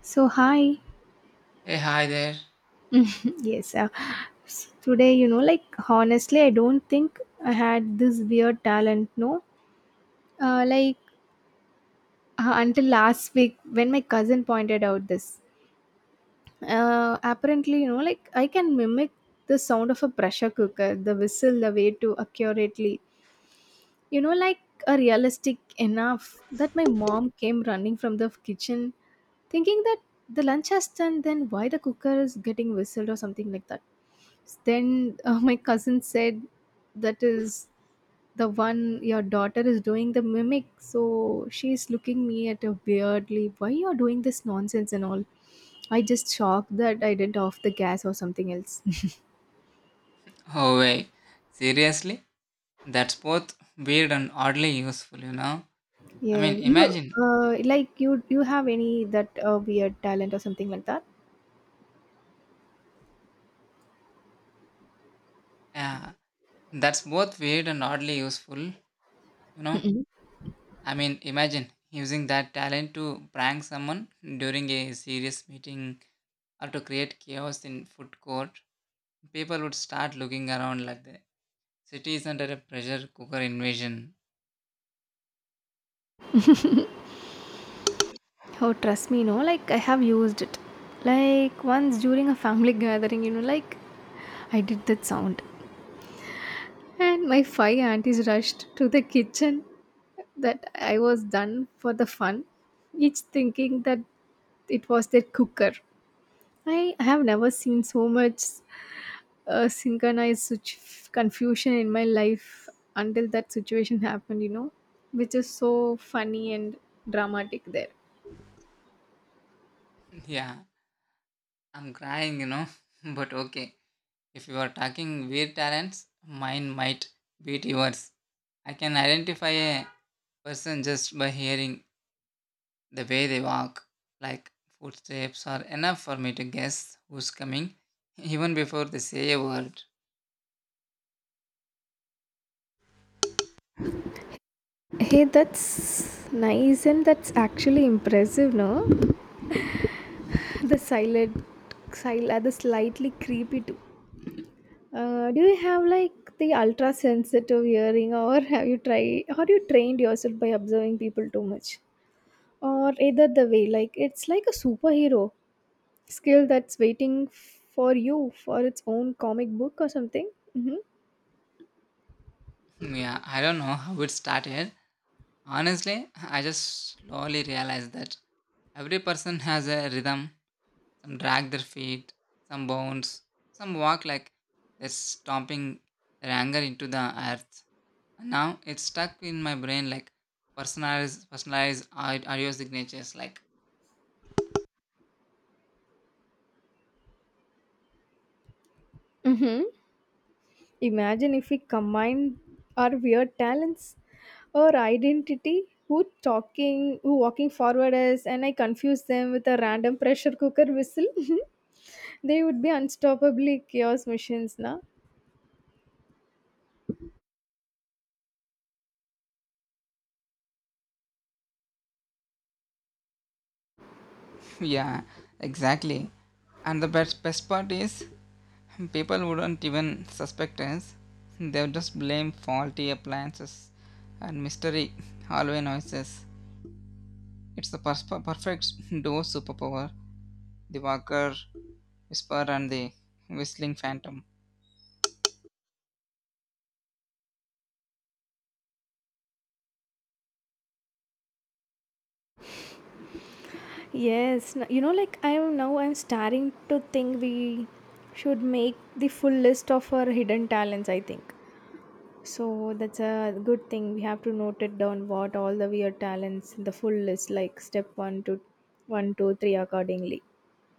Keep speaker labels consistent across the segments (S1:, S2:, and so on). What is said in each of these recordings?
S1: So hi.
S2: Hey, hi there.
S1: Yes. Today, like honestly, I don't think I had this weird talent. No, like until last week when my cousin pointed out this. Apparently, like I can mimic the sound of a pressure cooker, the whistle, the way to accurately. Like a realistic enough that my mom came running from the kitchen thinking that the lunch has done, then why the cooker is getting whistled or something like that. Then my cousin said, that is the one your daughter is doing the mimic. So she's looking me at her weirdly, why you are doing this nonsense and all? I just shocked that I didn't off the gas or something else.
S2: Oh, wait. Seriously? That's both weird and oddly useful, you know? I
S1: Yeah,
S2: mean,
S1: you
S2: imagine.
S1: like you have any that weird talent or something like that?
S2: Yeah, that's both weird and oddly useful, you know?
S1: Mm-mm.
S2: I mean, imagine using that talent to prank someone during a serious meeting or to create chaos in food court. People would start looking around like the city is under a pressure cooker invasion.
S1: Oh, trust me, no, like I have used it. Like once during a family gathering, like I did that sound. And my five aunties rushed to the kitchen that I was done for the fun, each thinking that it was their cooker. I have never seen so much synchronized such confusion in my life until that situation happened, which is so funny and dramatic there.
S2: Yeah, I'm crying, you know? But okay, if you are talking weird talents, mine might beat yours. I can identify a person just by hearing the way they walk, like footsteps are enough for me to guess who's coming, even before they say a word.
S1: Hey, that's nice and that's actually impressive, no? The silent, the slightly creepy too. Do you have like the ultra sensitive hearing, or have you tried, or you trained yourself by observing people too much, or either the way? Like it's like a superhero skill that's waiting for you for its own comic book or something. Mm-hmm.
S2: Yeah, I don't know how it started. Honestly, I just slowly realized that every person has a rhythm. Some drag their feet, some bounce, some walk like they're stomping their anger into the earth. Now it's stuck in my brain like personalized au- audio signatures like
S1: Mm-hmm. Imagine if we combine our weird talents, our identity, who talking, who walking forward is, and I confuse them with a random pressure cooker whistle. They would be unstoppably chaos machines, na?
S2: Yeah, exactly. And the best, best part is, people wouldn't even suspect us. They'll just blame faulty appliances and mystery hallway noises. It's the persp- perfect duo superpower, the walker, whisper, and the whistling phantom.
S1: Yes, like I'm starting to think we should make the full list of our hidden talents, I think. So that's a good thing. We have to note it down what all the weird talents, the full list, like step one to one, two, three accordingly.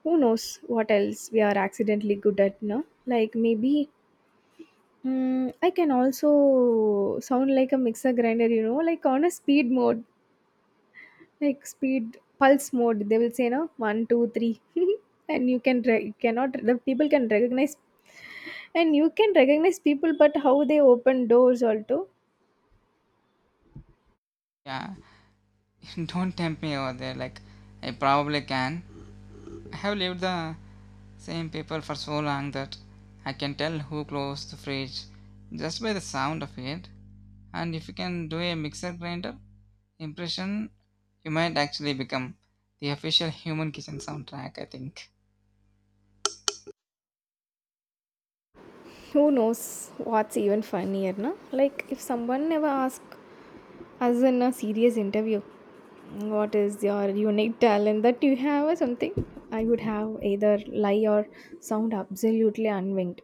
S1: Who knows what else we are accidentally good at, no? Like maybe I can also sound like a mixer grinder, like on a speed mode, like speed pulse mode. They will say, no, one, two, three. And you can cannot the people can recognize and you can recognize people but how they open doors also.
S2: Yeah, don't tempt me over there, like, I probably can. I have lived the same people for so long that I can tell who closed the fridge just by the sound of it. And if you can do a mixer grinder impression, you might actually become the official human kitchen soundtrack, I think.
S1: Who knows what's even funnier, no? Like, if someone never asks us in a serious interview, what is your unique talent that you have or something, I would have either lie or sound absolutely unwinged.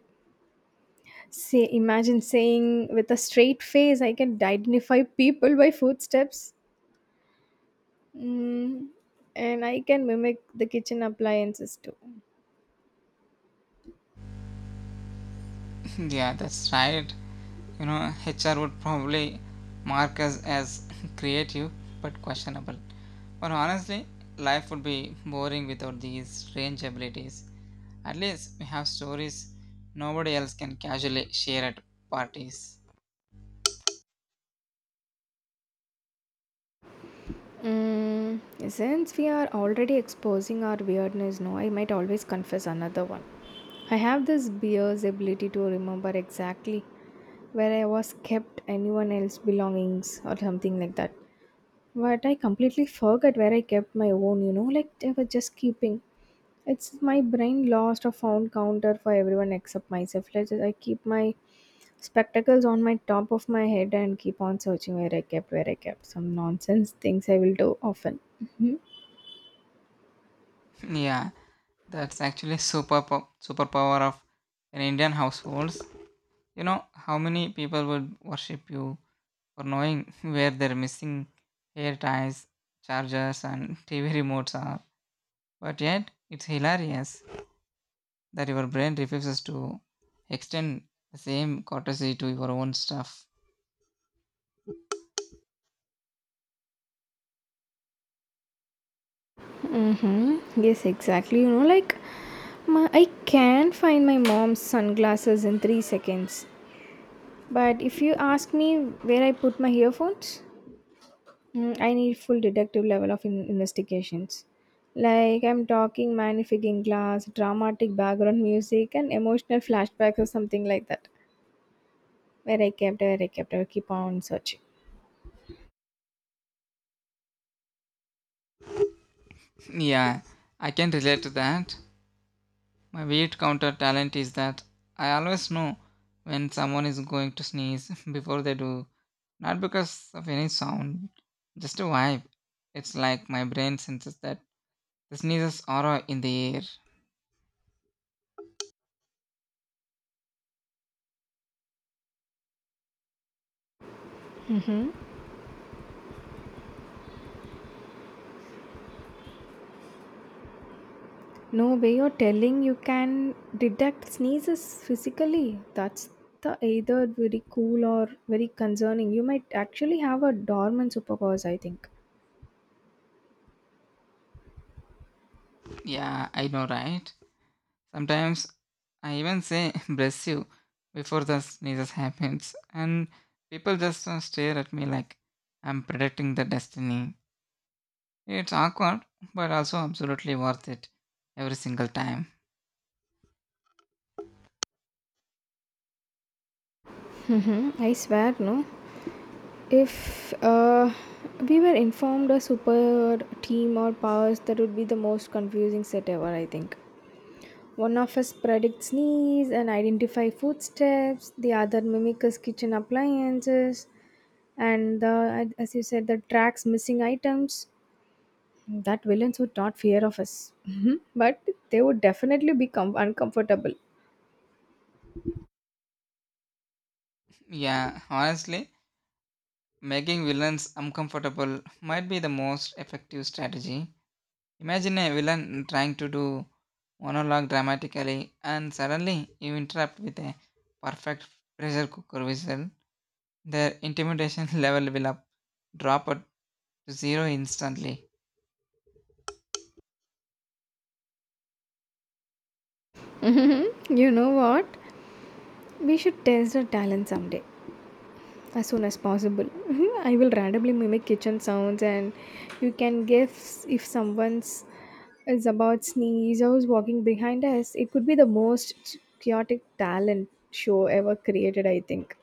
S1: Say, imagine saying with a straight face, I can identify people by footsteps. Mm, and I can mimic the kitchen appliances too.
S2: Yeah, that's right. You know, HR would probably mark us as creative but questionable. But honestly, life would be boring without these strange abilities. At least we have stories nobody else can casually share at parties.
S1: Mm, since we are already exposing our weirdness, no, I might always confess another one. I have this beer's ability to remember exactly where I was kept anyone else's belongings or something like that. But I completely forgot where I kept my own, like I was just keeping. It's my brain lost a found counter for everyone except myself. Let's I keep my spectacles on my top of my head and keep on searching where I kept some nonsense things I will do often. Hmm.
S2: Yeah, that's actually super po- superpower of an Indian households. You know how many people would worship you for knowing where their missing hair ties, chargers, and TV remotes are. But yet, it's hilarious that your brain refuses to extend the same courtesy to your own stuff.
S1: Mm-hmm. Yes, exactly. Like I can find my mom's sunglasses in 3 seconds. But if you ask me where I put my earphones, I need full detective level of investigations. Like I'm talking magnifying glass, dramatic background music, and emotional flashbacks or something like that. Where I kept, I keep on searching.
S2: Yeah, I can relate to that. My weird counter talent is that I always know when someone is going to sneeze before they do, not because of any sound, just a vibe. It's like my brain senses that the sneezes aura in the air.
S1: No way you're telling you can detect sneezes physically. That's the either very cool or very concerning. You might actually have a dormant superpowers, I think.
S2: Yeah, I know, right? Sometimes I even say bless you before the sneezes happens, and people just stare at me like I'm predicting the destiny. It's awkward, but also absolutely worth it every single time.
S1: Mm-hmm. I swear, no. If we were informed a super team or powers, that would be the most confusing set ever, I think. One of us predicts sneeze and identify footsteps, the other mimics kitchen appliances, and the, as you said, the tracks missing items. That villains would not fear of us, Mhm. But they would definitely become uncomfortable.
S2: Yeah, honestly, making villains uncomfortable might be the most effective strategy. Imagine a villain trying to do monologue dramatically and suddenly you interrupt with a perfect pressure cooker whistle. Their intimidation level will up drop it to zero instantly.
S1: You know what? We should test our talent someday, as soon as possible. I will randomly mimic kitchen sounds and you can guess if someone's is about sneeze or is walking behind us. It could be the most chaotic talent show ever created, I think.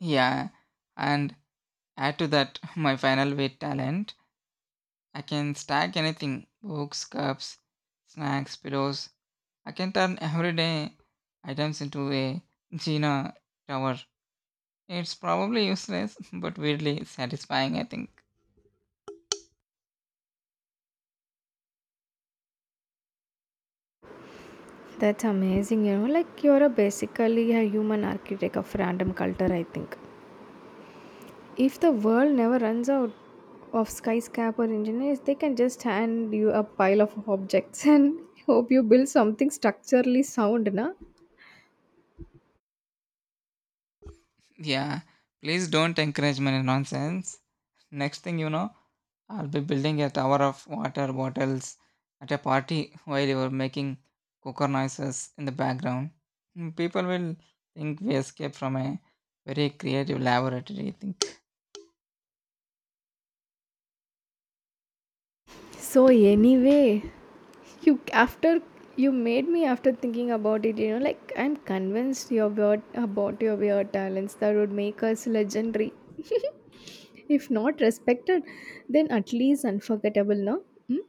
S2: Yeah, and add to that my final weight talent. I can stack anything books, cups, snacks, pillows. I can turn everyday items into a Gina tower. It's probably useless, but weirdly satisfying, I think.
S1: That's amazing. Like you're a basically a human architect of random culture, I think. If the world never runs out of skyscraper engineers, they can just hand you a pile of objects and hope you build something structurally sound, na?
S2: Yeah, please don't encourage my nonsense. Next thing you know, I'll be building a tower of water bottles at a party while you're making cooker noises in the background. Mm, people will think we escaped from a very creative laboratory, I think.
S1: So anyway, you after you made me after thinking about it, like I'm convinced your weird talents that would make us legendary. If not respected, then at least unforgettable, no? Hmm?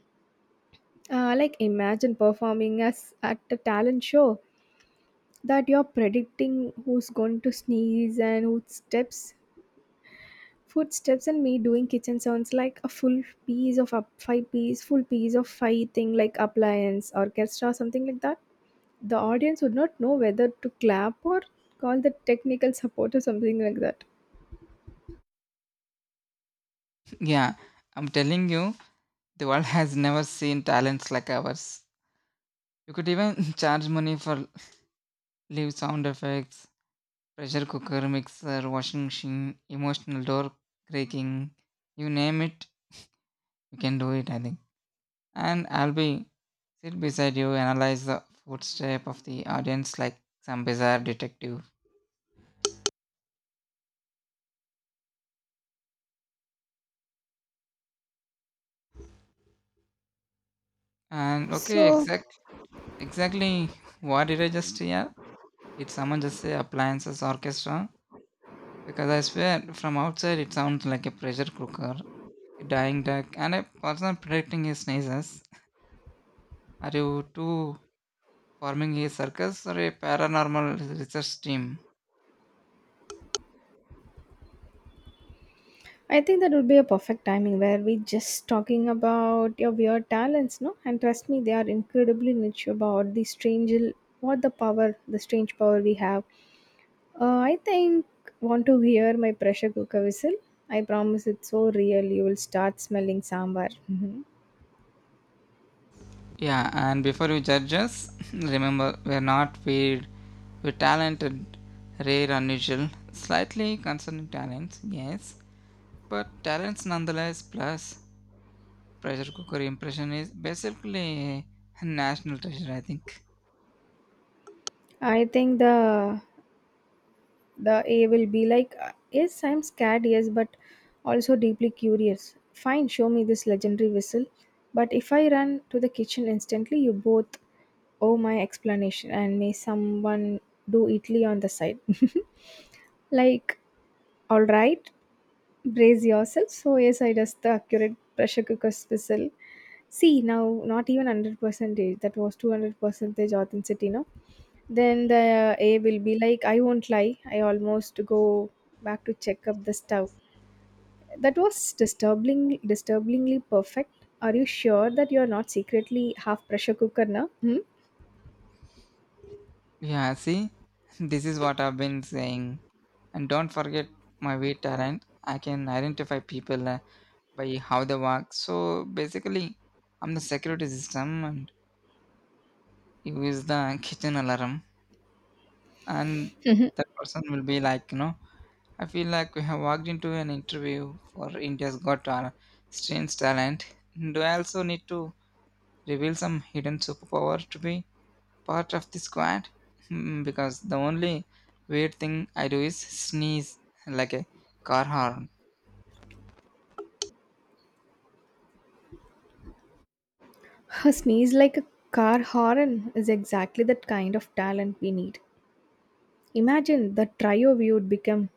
S1: Like imagine performing as at a talent show that you're predicting who's going to sneeze and who steps footsteps and me doing kitchen sounds like a full piece of up five-piece, full piece of five thing like appliance, orchestra, something like that. The audience would not know whether to clap or call the technical support or something like that.
S2: Yeah, I'm telling you, the world has never seen talents like ours. You could even charge money for live sound effects, pressure cooker, mixer, washing machine, emotional door creaking, you name it. You can do it, I think. And I'll be sit beside you, analyze the footstep of the audience like some bizarre detective. And okay,
S1: So
S2: exactly what did I just hear? Did someone just say appliances orchestra? Because I swear from outside it sounds like a pressure cooker, a dying duck, and a person predicting his sneezes. Are you two forming a circus or a paranormal research team?
S1: I think that would be a perfect timing where we just talking about your weird talents, no? And trust me, they are incredibly niche about the strange what the power, the strange power we have. I think want to hear my pressure cooker whistle. I promise it's so real. You will start smelling sambar. Mhm.
S2: Yeah, and before you judge us, remember we're not weird. We're talented, rare, unusual, slightly concerning talents, yes, but talents nonetheless. Plus, pressure cooker impression is basically a national treasure, I think.
S1: I think the A will be like, yes, I'm scared, yes, but also deeply curious. Fine, show me this legendary whistle. But if I run to the kitchen instantly, you both owe my explanation, and may someone do Italy on the side. Like, all right, brace yourself. So yes, I just the accurate pressure cooker whistle. See now, not even 100%. That was 200% authenticity. No, then the A will be like, I won't lie. I almost go back to check up the stove. That was disturbingly perfect. Are you sure that you are not secretly half pressure cooker now? Hmm?
S2: Yeah, see, this is what I've been saying. And don't forget my weird talent. I can identify people by how they walk. So basically, I'm the security system, and you is the kitchen alarm. And
S1: Mhm.
S2: that person will be like, you know, I feel like we have walked into an interview for India's Got Talent, strange talent. Do I also need to reveal some hidden superpower to be part of the squad? Hmm, because the only weird thing I do is sneeze like a car horn.
S1: Her sneeze like a car horn is exactly that kind of talent we need. Imagine the trio we would become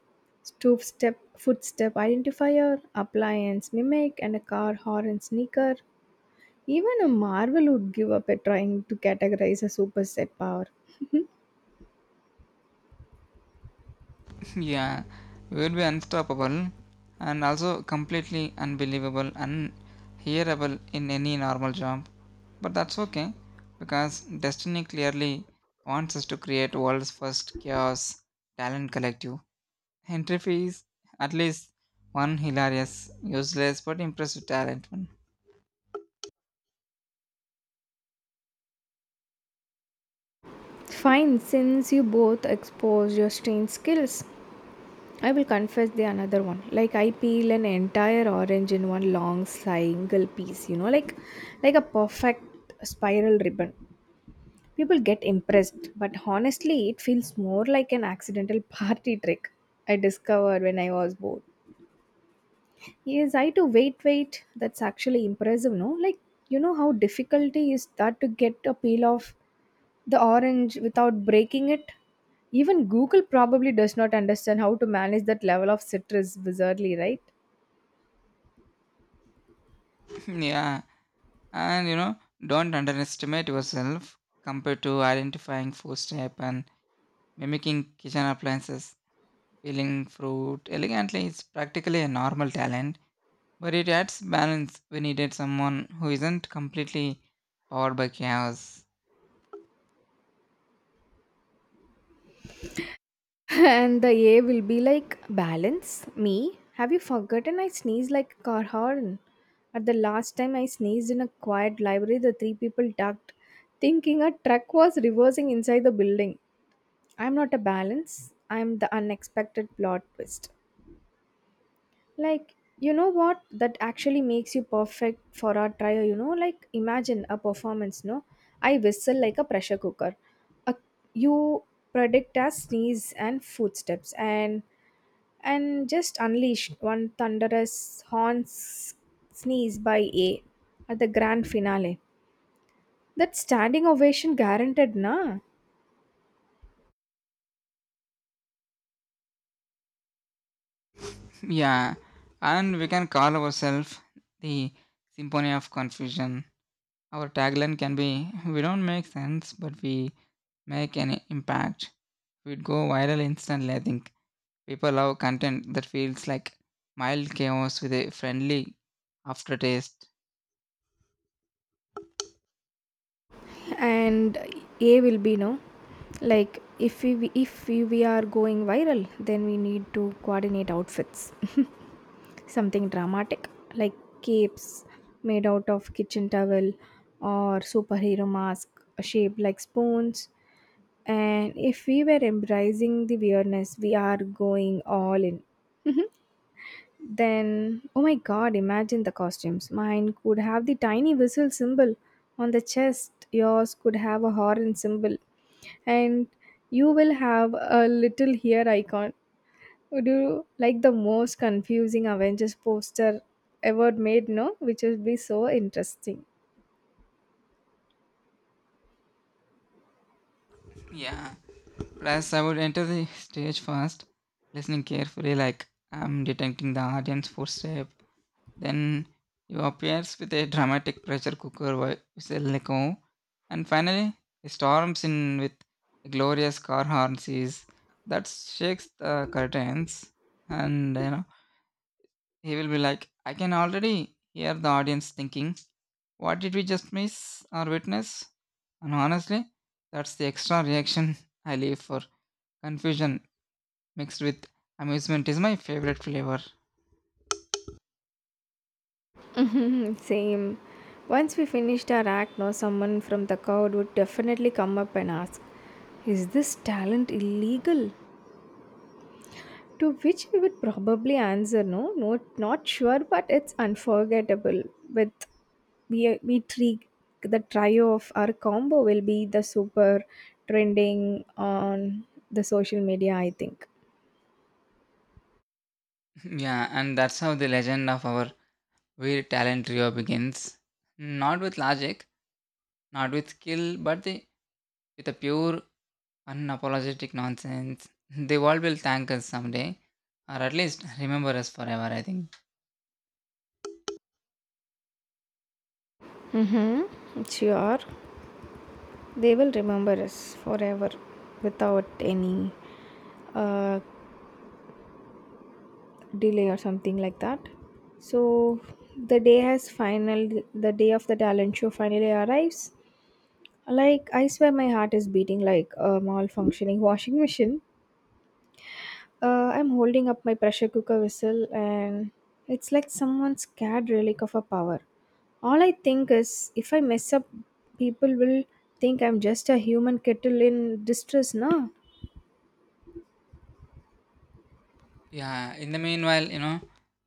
S1: step, footstep, identifier, appliance, mimic, and a car horn sneaker. Even a marvel would give up at trying to categorize a superset power.
S2: Yeah, we would be unstoppable and also completely unbelievable and hearable in any normal job. But that's okay, because destiny clearly wants us to create world's first chaos talent collective. Entry fees at least one hilarious, useless but impressive talent one.
S1: Fine, since you both expose your strange skills, I will confess the another one. Like I peel an entire orange in one long single piece, like a perfect spiral ribbon. People get impressed, but honestly, it feels more like an accidental party trick I discovered when I was bored. Yes, I too wait, wait. That's actually impressive, no? Like, you know how difficult is that to get a peel off the orange without breaking it? Even Google probably does not understand how to manage that level of citrus wizardly, right?
S2: Yeah. And you know, don't underestimate yourself compared to identifying food step and mimicking kitchen appliances. Peeling fruit elegantly is practically a normal talent, but it adds balance when needed someone who isn't completely powered by chaos.
S1: And the A will be like, balance? Me? Have you forgotten I sneeze like a car horn? At the last time I sneezed in a quiet library, the three people ducked, thinking a truck was reversing inside the building. I'm not a balance, I'm the unexpected plot twist. Like, you know what? That actually makes you perfect for our trial, you know? Like, imagine a performance, no? I whistle like a pressure cooker. A, you predict as sneeze and footsteps, and just unleashed one thunderous horn sneeze by A at the grand finale. That standing ovation guaranteed, na?
S2: Yeah, and we can call ourselves the Symphony of Confusion. Our tagline can be, we don't make sense, but we make an impact. We'd go viral instantly, I think. People love content that feels like mild chaos with a friendly aftertaste.
S1: And A will be no. Like if we are going viral, then we need to coordinate outfits. Something dramatic like capes made out of kitchen towel or superhero mask shaped like spoons. And if we were embracing the weirdness, we are going all in. Then, oh my god, imagine the costumes. Mine could have the tiny whistle symbol on the chest, yours could have a horn symbol, and you will have a little hair icon. Would you like the most confusing Avengers poster ever made? No, which would be so interesting.
S2: Yeah, plus I would enter the stage first, listening carefully, like I'm detecting the audience footstep. Then he appears with a dramatic pressure cooker wi- whistle like "Oh," and finally he storms in with a glorious car horn sees that shakes the curtains. And you know, he will be like, I can already hear the audience thinking, what did we just miss or witness? And honestly, that's the extra reaction I leave for. Confusion mixed with amusement is my favorite flavor.
S1: Same. Once we finished our act, no, someone from the crowd would definitely come up and ask, is this talent illegal? To which we would probably answer, no, no, not sure, but it's unforgettable. With we three, the trio of our combo will be the super trending on the social media, I think.
S2: Yeah, and that's how the legend of our where talent trio begins, not with logic, not with skill, but they, with a pure, unapologetic nonsense. The world will thank us someday, or at least remember us forever, I think.
S1: Mm-hmm. Sure. They will remember us forever without any uh, delay or something like that. So the day of the talent show finally arrives. Like I swear my heart is beating like a malfunctioning washing machine. I'm holding up my pressure cooker whistle, and it's like someone's scared relic of a power. All I think is if I mess up, people will think I'm just a human kettle in distress, no?
S2: Yeah, in the meanwhile, you know,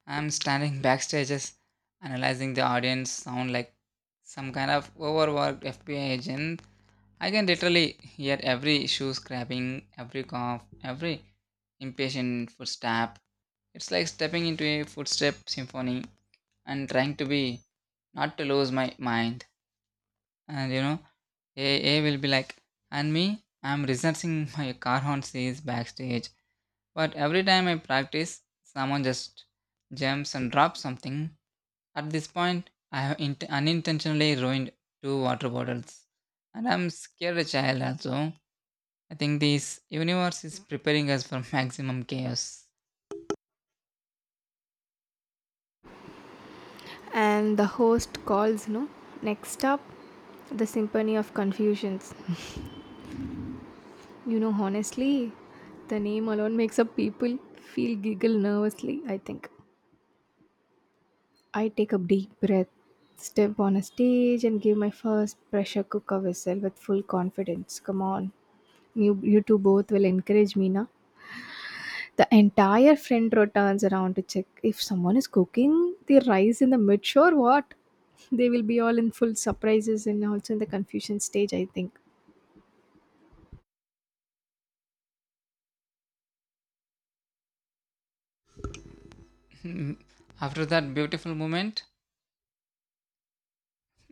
S2: I'm standing backstages analyzing the audience sound like some kind of overworked FBI agent. I can literally hear every shoe scrapping, every cough, every impatient footstep. It's like stepping into a footstep symphony and trying to be not to lose my mind. And you know, A will be like, and me, I'm researching my car on stage backstage. But every time I practice, someone just jumps and drops something. At this point, I have int- unintentionally ruined two water bottles. And I'm scared a child also. I think this universe is preparing us for maximum chaos.
S1: And the host calls, no? Next up, the Symphony of Confusions. You know, honestly, the name alone makes up people feel giggle nervously, I think. I take a deep breath, step on a stage, and give my first pressure cooker whistle with full confidence. Come on. You two both will encourage me, na? The entire friend row turns around to check if someone is cooking the rice in the mid or what? They will be all in full surprises and also in the confusion stage, I think.
S2: After that beautiful moment,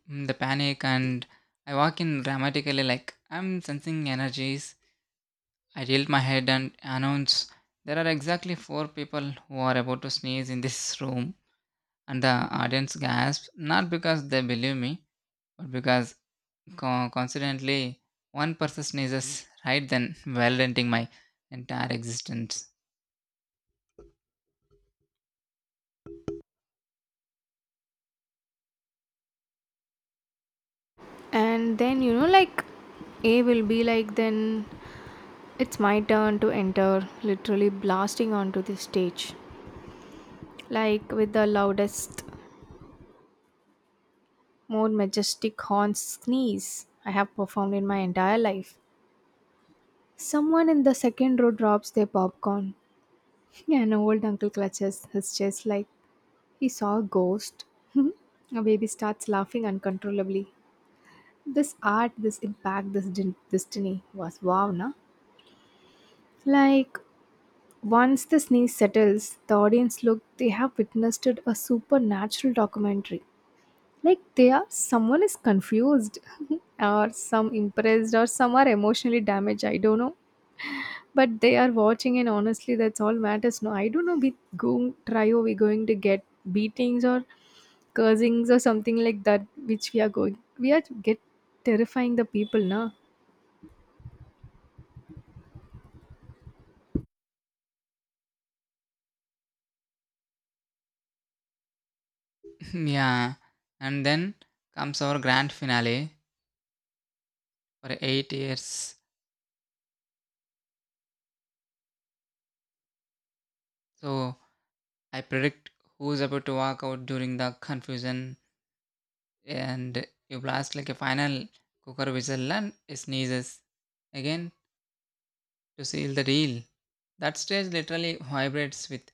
S2: mm, the panic, and I walk in dramatically like I'm sensing energies. I tilt my head and announce, there are exactly four people who are about to sneeze in this room. And the audience gasps not because they believe me, but because co- coincidentally one person sneezes right then, well ending my entire existence.
S1: And then, you know, like, A will be like, then it's my turn to enter, literally blasting onto the stage. Like with the loudest, more majestic horn sneeze I have performed in my entire life. Someone in the second row drops their popcorn. An old uncle clutches his chest like he saw a ghost. A baby starts laughing uncontrollably. This art, this impact, destiny was wow, na? Like once the sneeze settles, the audience look they have witnessed a supernatural documentary. Like they are someone is confused, or some impressed or some are emotionally damaged, I don't know. But they are watching, and honestly that's all matters. No, I don't know we going try or we going to get beatings or cursings or something like that which we are going we are get terrifying the people, na?
S2: Yeah, and then comes our grand finale for 8 years. So I predict who's about to walk out during the confusion, and you blast like a final cooker whistle and sneezes again to seal the deal. That stage literally vibrates with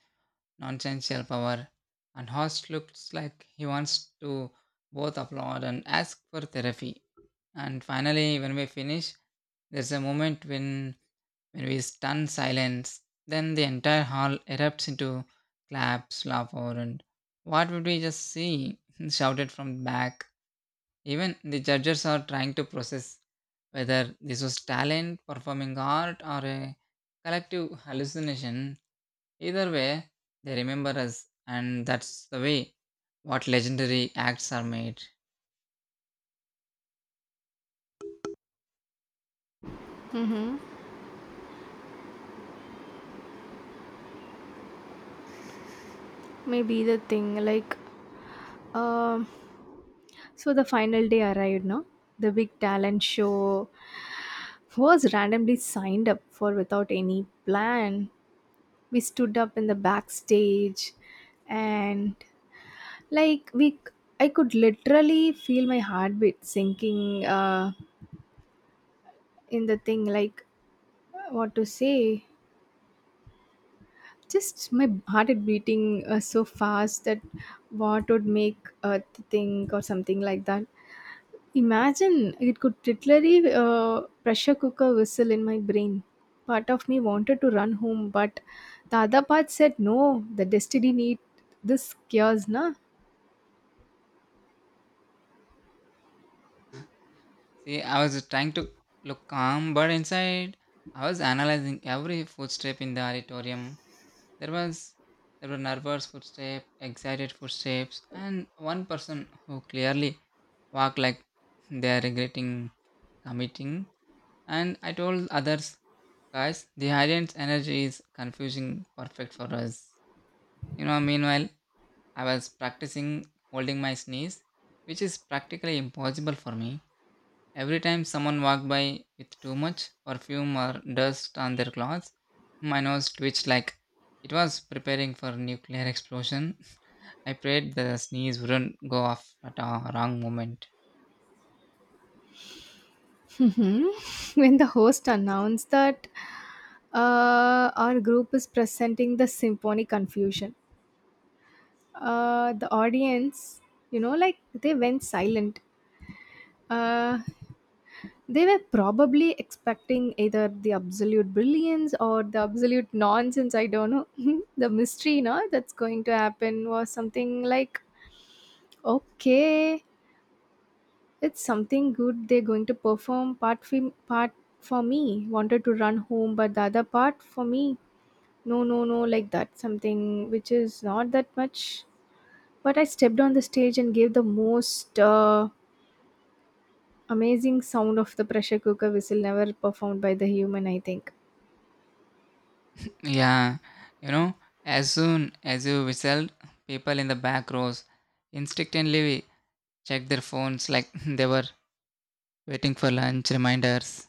S2: nonsensical power, and Host looks like he wants to both applaud and ask for therapy. And finally, when we finish, there's a moment when we stun silence. Then the entire hall erupts into claps, laughter, and what would we just see? Shouted from back. Even the judges are trying to process whether this was talent, performing art, or a collective hallucination. Either way, they remember us, and that's the way what legendary acts are made.
S1: Mm-hmm. Maybe the thing like um so the final day arrived, no? The big talent show was randomly signed up for without any plan. We stood up in the backstage and like we I could literally feel my heartbeat sinking, in the thing like what to say, just my heart is beating so fast that what would make a thing or something like that. Imagine it could literally pressure cooker whistle in my brain. Part of me wanted to run home, but the other part said, "No, the destiny need this cures, na."
S2: See, I was trying to look calm, but inside I was analyzing every footstep in the auditorium. There was there were nervous footsteps, excited footsteps, and one person who clearly walked like they are regretting committing. And I told others, guys, the audience energy is confusing, perfect for us. You know, meanwhile, I was practicing holding my sneeze, which is practically impossible for me. Every time someone walked by with too much perfume or dust on their clothes, my nose twitched like it was preparing for nuclear explosion. I prayed the sneeze wouldn't go off at a wrong moment.
S1: Mhm. When the host announced that our group is presenting the symphony confusion, the audience, you know, like they went silent. Uh, They were probably expecting either the absolute brilliance or the absolute nonsense. I don't know. The mystery, no, that's going to happen was something like, okay, it's something good they're going to perform. Part for me wanted to run home, but the other part for me, no, no, no, like that. Something which is not that much. But I stepped on the stage and gave the most amazing sound of the pressure cooker whistle never performed by the human, I think.
S2: Yeah, you know, as soon as you whistled, people in the back rows instinctively checked their phones like they were waiting for lunch reminders.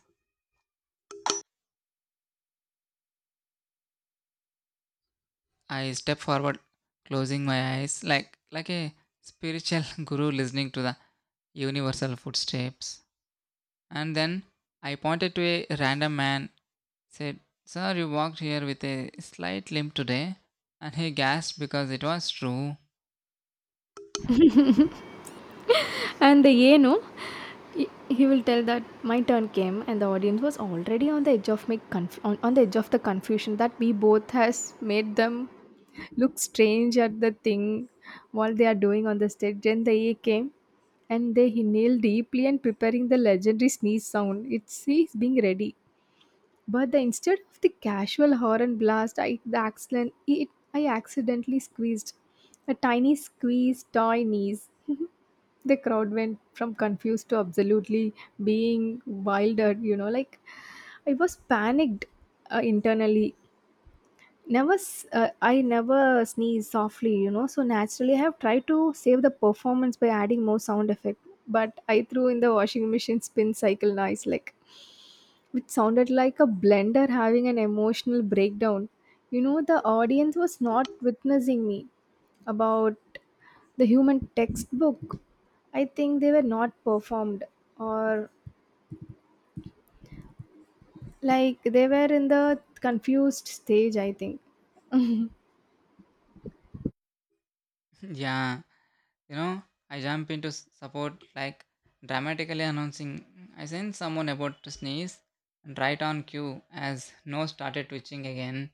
S2: I stepped forward, closing my eyes like a spiritual guru listening to the universal footsteps. And then I pointed to a random man, said, sir, you walked here with a slight limp today. And he gasped because it was true.
S1: And the ಏನು he he will tell that my turn came and the audience was already on the edge of the confusion that we both has made them look strange at the thing while they are doing on the stage, then the A came and they inhaled deeply and preparing the legendary sneeze sound, it's he's being ready, but the instead of the casual horn blast, I accidentally squeezed a tiny squeeze toy knees. The crowd went from confused to absolutely being wildered, you know, like I was panicked internally. Never s- I never sneeze softly, you know, so naturally I have tried to save the performance by adding more sound effect, but I threw in the washing machine spin cycle noise, like, which sounded like a blender having an emotional breakdown. You know, the audience was not witnessing me, about the human textbook, I think they were not performed or like they were in the confused stage, I think.
S2: Yeah, you know, I jump into s- support like dramatically announcing, I sense someone about to sneeze. And right on cue, as nose started twitching again.